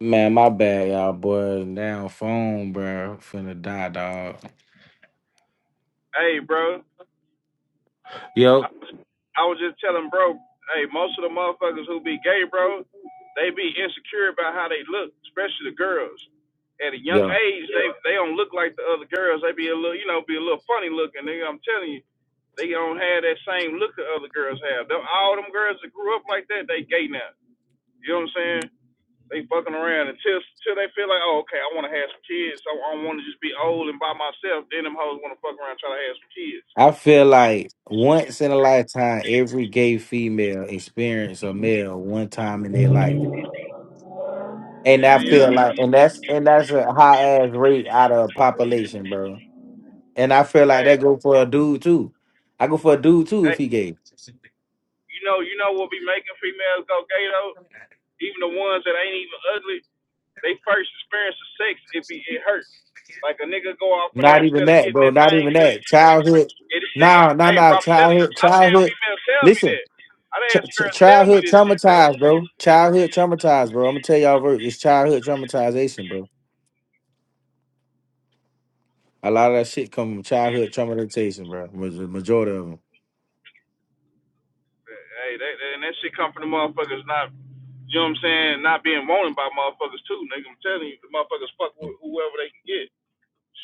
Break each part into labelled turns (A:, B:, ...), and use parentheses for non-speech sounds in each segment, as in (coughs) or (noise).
A: Man, my bad, y'all, boy. Now, phone, bro. Finna die, dog.
B: Hey, bro. I,
A: Yo,
B: I was just telling bro, hey, most of the motherfuckers who be gay, bro, they be insecure about how they look, especially the girls. At a young
A: yo.
B: age, they they don't look like the other girls. They be a little, you know, be a little funny looking. Nigga, I'm telling you, they don't have that same look the other girls have. Them, all them girls that grew up like that, they gay now. You know what I'm saying? They fucking around until until they feel like, oh, okay, I want to have some kids. So I don't want to just be old and by myself. Then them hoes want to fuck around try to have some kids.
A: I feel like once in a lifetime, every gay female experience a male one time in their life, and I
B: Yeah,
A: feel
B: yeah.
A: like, and that's and that's a high ass rate out of population, bro. And I feel like
B: Hey,
A: that go for a dude too. I go for a dude too
B: Hey,
A: if he gay.
B: you know, you know what be making females go gay though? Even the ones that ain't even ugly, they first experience of sex, it be it hurt. Like a nigga go off in there
A: Not even
B: instead of
A: that,
B: getting
A: bro.
B: that
A: Not
B: thing
A: even
B: clean.
A: that. Childhood.
B: It is
A: Nah, nah,
B: hey
A: nah.
B: bro, I'm telling you,
A: Childhood.
B: I done had
A: Childhood.
B: females tell me
A: Listen.
B: that. I done
A: Ch-
B: had
A: ch-
B: girls tell me
A: childhood
B: this shit, bro.
A: traumatized, bro. Childhood traumatized, bro. I'm gonna tell y'all, bro. It's childhood traumatization, bro. A lot of that shit come from childhood traumatization, bro. Maj- Majority of them.
B: Hey, that, that, and that shit come from the motherfuckers not you know what I'm saying, not being wanted by motherfuckers too, nigga. I'm telling you, the motherfuckers fuck wh- whoever they can get.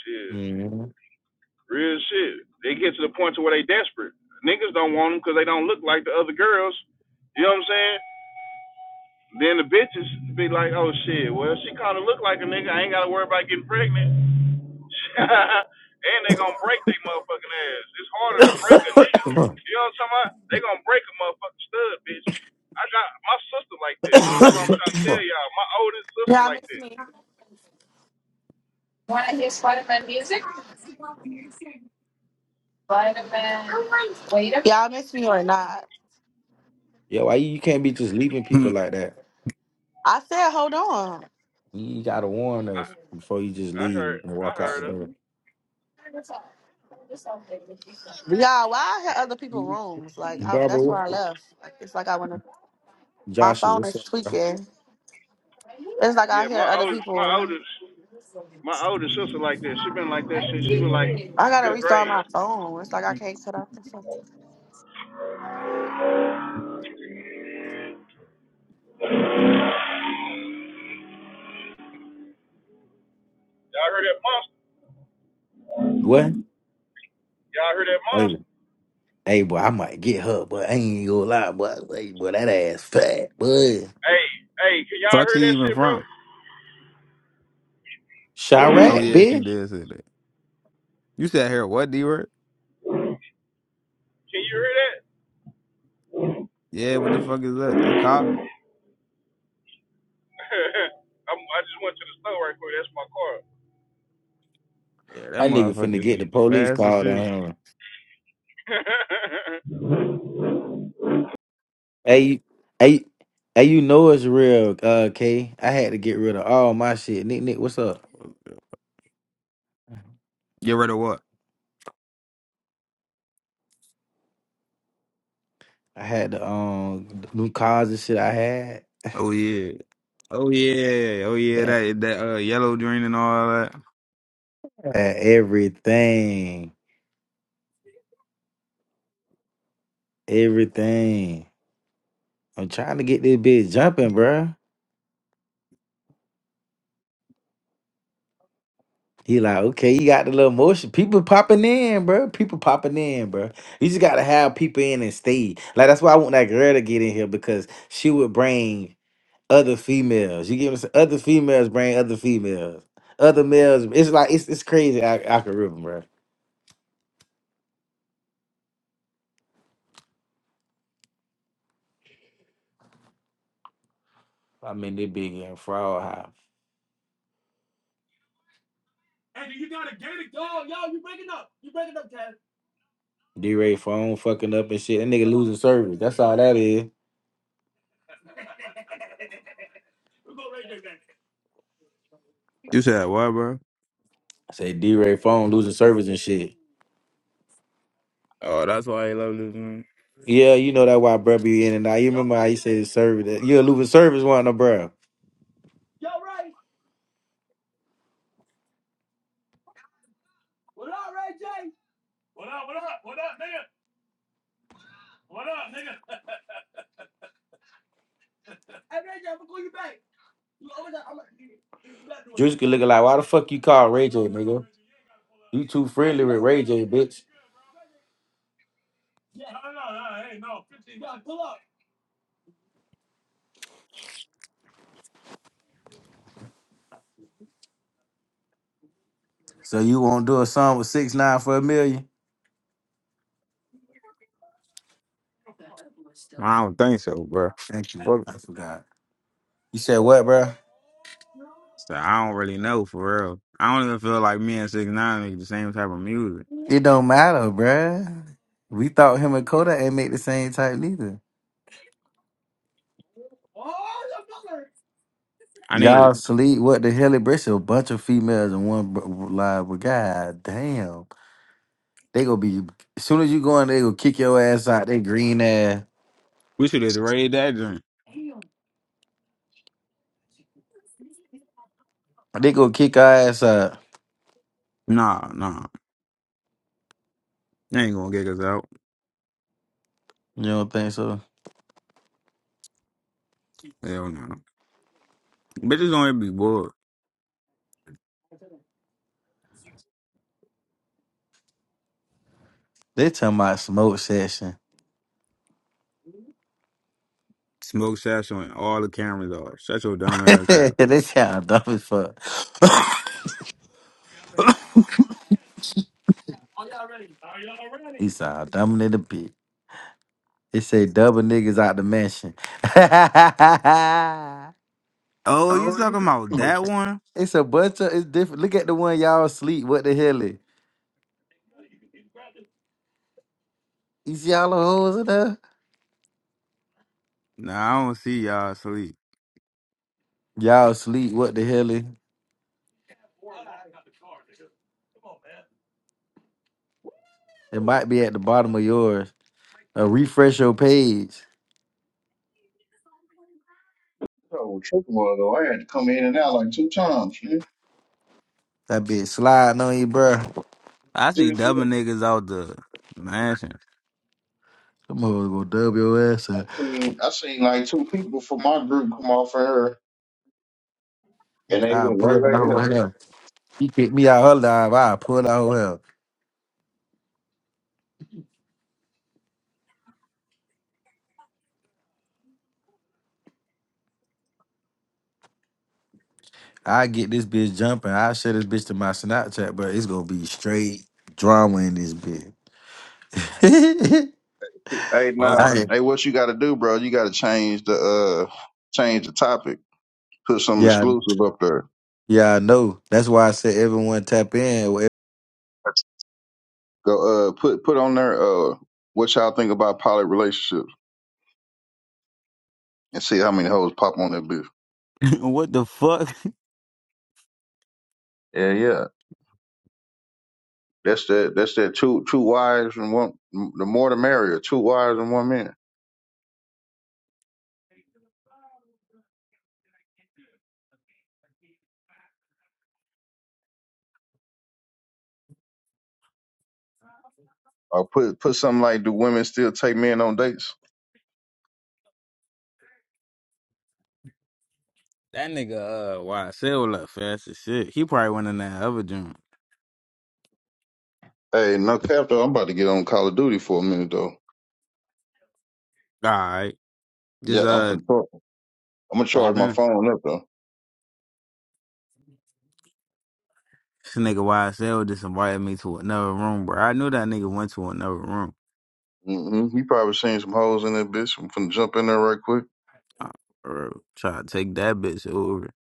B: Shit.
A: mm
B: Real shit. They get to the point to where they desperate. Niggas don't want them because they don't look like the other girls. You know what I'm saying? Then the bitches be like, oh shit, well she kind of look like a nigga. I ain't got to worry about getting pregnant. (laughs) and they gonna break their motherfucking ass. It's harder to break a nigga.
A: (coughs)
B: You know what I'm talking about? They gonna break a motherfucking stud, bitch. I got my sister like that. That's what I'm trying to tell y'all. My oldest sister
C: Y'all
B: like
C: miss
B: that.
C: me. Want to hear Spider Man music? Spider Man. Wait a Y'all miss me or not?
A: yeah, why you, you can't be just leaving
D: (laughs)
A: people
D: Hmm.
A: like that?
C: I said, hold on.
A: You gotta warn us before you just
B: I
A: leave
B: heard.
A: and
B: I
A: walk out
B: heard
A: the
B: her.
A: door.
C: Y'all, why I had other people rooms? Like I,
A: Barbara,
C: that's where I
A: what,
C: left. Like, it's like I want to. My
A: Joshua,
C: phone
A: what's
C: is
A: up, bro?
C: tweaking. It's like I
B: Yeah,
C: hear
B: my
C: other
B: oldest. My
C: people.
B: oldest. My older sister like that. She been like that since she was like
C: I gotta
B: fifth grade.
C: restart my phone. It's like I can't cut off the phone.
B: Y'all heard that monster?
A: What?
B: Y'all heard that
A: Hey,
B: monster?
A: hey, boy, I might get her, but I ain't gonna lie, boy. Hey, boy, that ass fat, boy.
B: Hey, hey, can y'all
D: fuck
B: hear
D: she
B: that
D: even
B: shit, bro?
D: from? Oh
A: Chirac,
D: yeah, she
A: bitch.
D: did say that. You said her what D word?
B: Can you hear that?
D: Yeah, what the fuck is that? A cop?
B: (laughs) I'm, I just went to the store right quick. That's my car.
D: Yeah, that
A: That nigga
D: motherfucker
A: finna get
D: is
A: the police
D: fast as
A: called on
D: shit.
A: him.
B: (laughs)
A: Hey, you- hey, hey, you know it's real, uh, K. I had to get rid of all my shit. Nick, Nick, what's up?
D: Get rid of what?
A: I had the um new cars and shit. I had
D: Oh yeah. Oh yeah. Oh yeah,
A: man,
D: that that uh yellow green and all that.
A: I had everything, everything. I'm trying to get this bitch jumping, bruh. He like, okay, you got the little motion. People popping in, bro. People popping in, bro. You just gotta have people in and stay. Like that's why I want that girl to get in here because she would bring. other females. You get what I'm saying? Other females bring other females. Other males. It's like it's it's crazy. I I can rip them, bro. I mean, they big and fraud high. D Ray phone fucking up and shit. That nigga losing service. That's all that is.
D: You said what, bro?
A: I say D Ray phone losing service and shit.
D: Oh, that's why he love this man.
A: Yeah, you know that why bro be in and out. You remember how you say the service? That, are losing service one no bro. Juice could look like why the fuck you call Ray J, nigga? You too friendly with Ray J, bitch. So you won't do a song with six nine for a million?
D: I don't think so, bro.
A: Thank you.
D: Fuck.
A: I forgot. You said what, bro?
D: So I don't really know for real. I don't even feel like me and Six Nine make the same type of music.
A: It don't matter, bruh. We thought him and Kodak ain't make the same type neither.
D: I need
A: Y'all sleep. What the hell? It brings a bunch of females and one br- live. But god damn, they gonna be. As soon as you go in, they gonna kick your ass out. They green ass.
D: we should have raided that joint.
A: They gonna kick our ass out.
D: Nah, nah. They ain't gonna get us out.
A: You don't think so?
D: Hell no. Bitches don't even be bored.
A: They talking about smoke session.
D: Smoke Satchel and all the cameras are. Shut your dumb
A: (laughs)
D: ass up.
A: they sound dumb as fuck. (laughs) he sound dumb in the bitch. It say double niggas out the mansion. (laughs)
D: Oh, you
A: oh, you
D: talking about
A: know.
D: that one?
A: (laughs) it's a bunch of it's different. Look at the one y'all sleep. What the hell is? You see all the hoes in there?
D: Nah, I don't see y'all asleep.
A: Y'all sleep. What the hell is? It might be at the bottom of yours. Uh, refresh your page.
B: Oh, trip a while I had to come in and out like two times. Man.
A: That bitch sliding on you, bro.
D: I see
B: Dude, I
D: double niggas out the mansion.
A: Them hoes gonna dub your ass up.
B: seen I seen, like two people from my group come off of her, and they
A: I
B: went right
A: pull out
B: back
A: whole
B: up.
A: hell. She kicked me out her live. I pull out whole hell. I get this bitch jumping. I share this bitch to my Snapchat, but it's gonna be straight drama in this bitch. (laughs)
B: Hey,
D: Fuck
B: now,
D: it.
A: I
B: hey, what you got to do, bro? You got to change the uh change the topic. Put some
A: yeah
B: exclusive up there.
A: yeah I know. That's why I said everyone tap in.
B: Go uh put put on there uh what y'all think about poly relationships and see how many hoes pop on that bitch.
D: (laughs) what the fuck?
B: Yeah, yeah. That's that that's that two two wives and one the more the merrier, two wives and one man. Or put put something like do women still take men on dates?
D: That nigga, uh, YSL left fast as shit. He probably went in that other joint.
B: Hey, no cap though, I'm about to get on Call of Duty for a minute though.
D: Alright.
B: Yeah,
D: Just,
B: I'm
D: uh,
B: finna talk. I'm gonna charge
D: pop
B: my
D: in.
B: phone up though.
D: This nigga YSL just invited me to another room, bro. I knew that nigga went to another room.
B: hmm You probably seen some hoes in that bitch. I'm finna jump in there right quick.
D: I, bro, try to take that bitch over.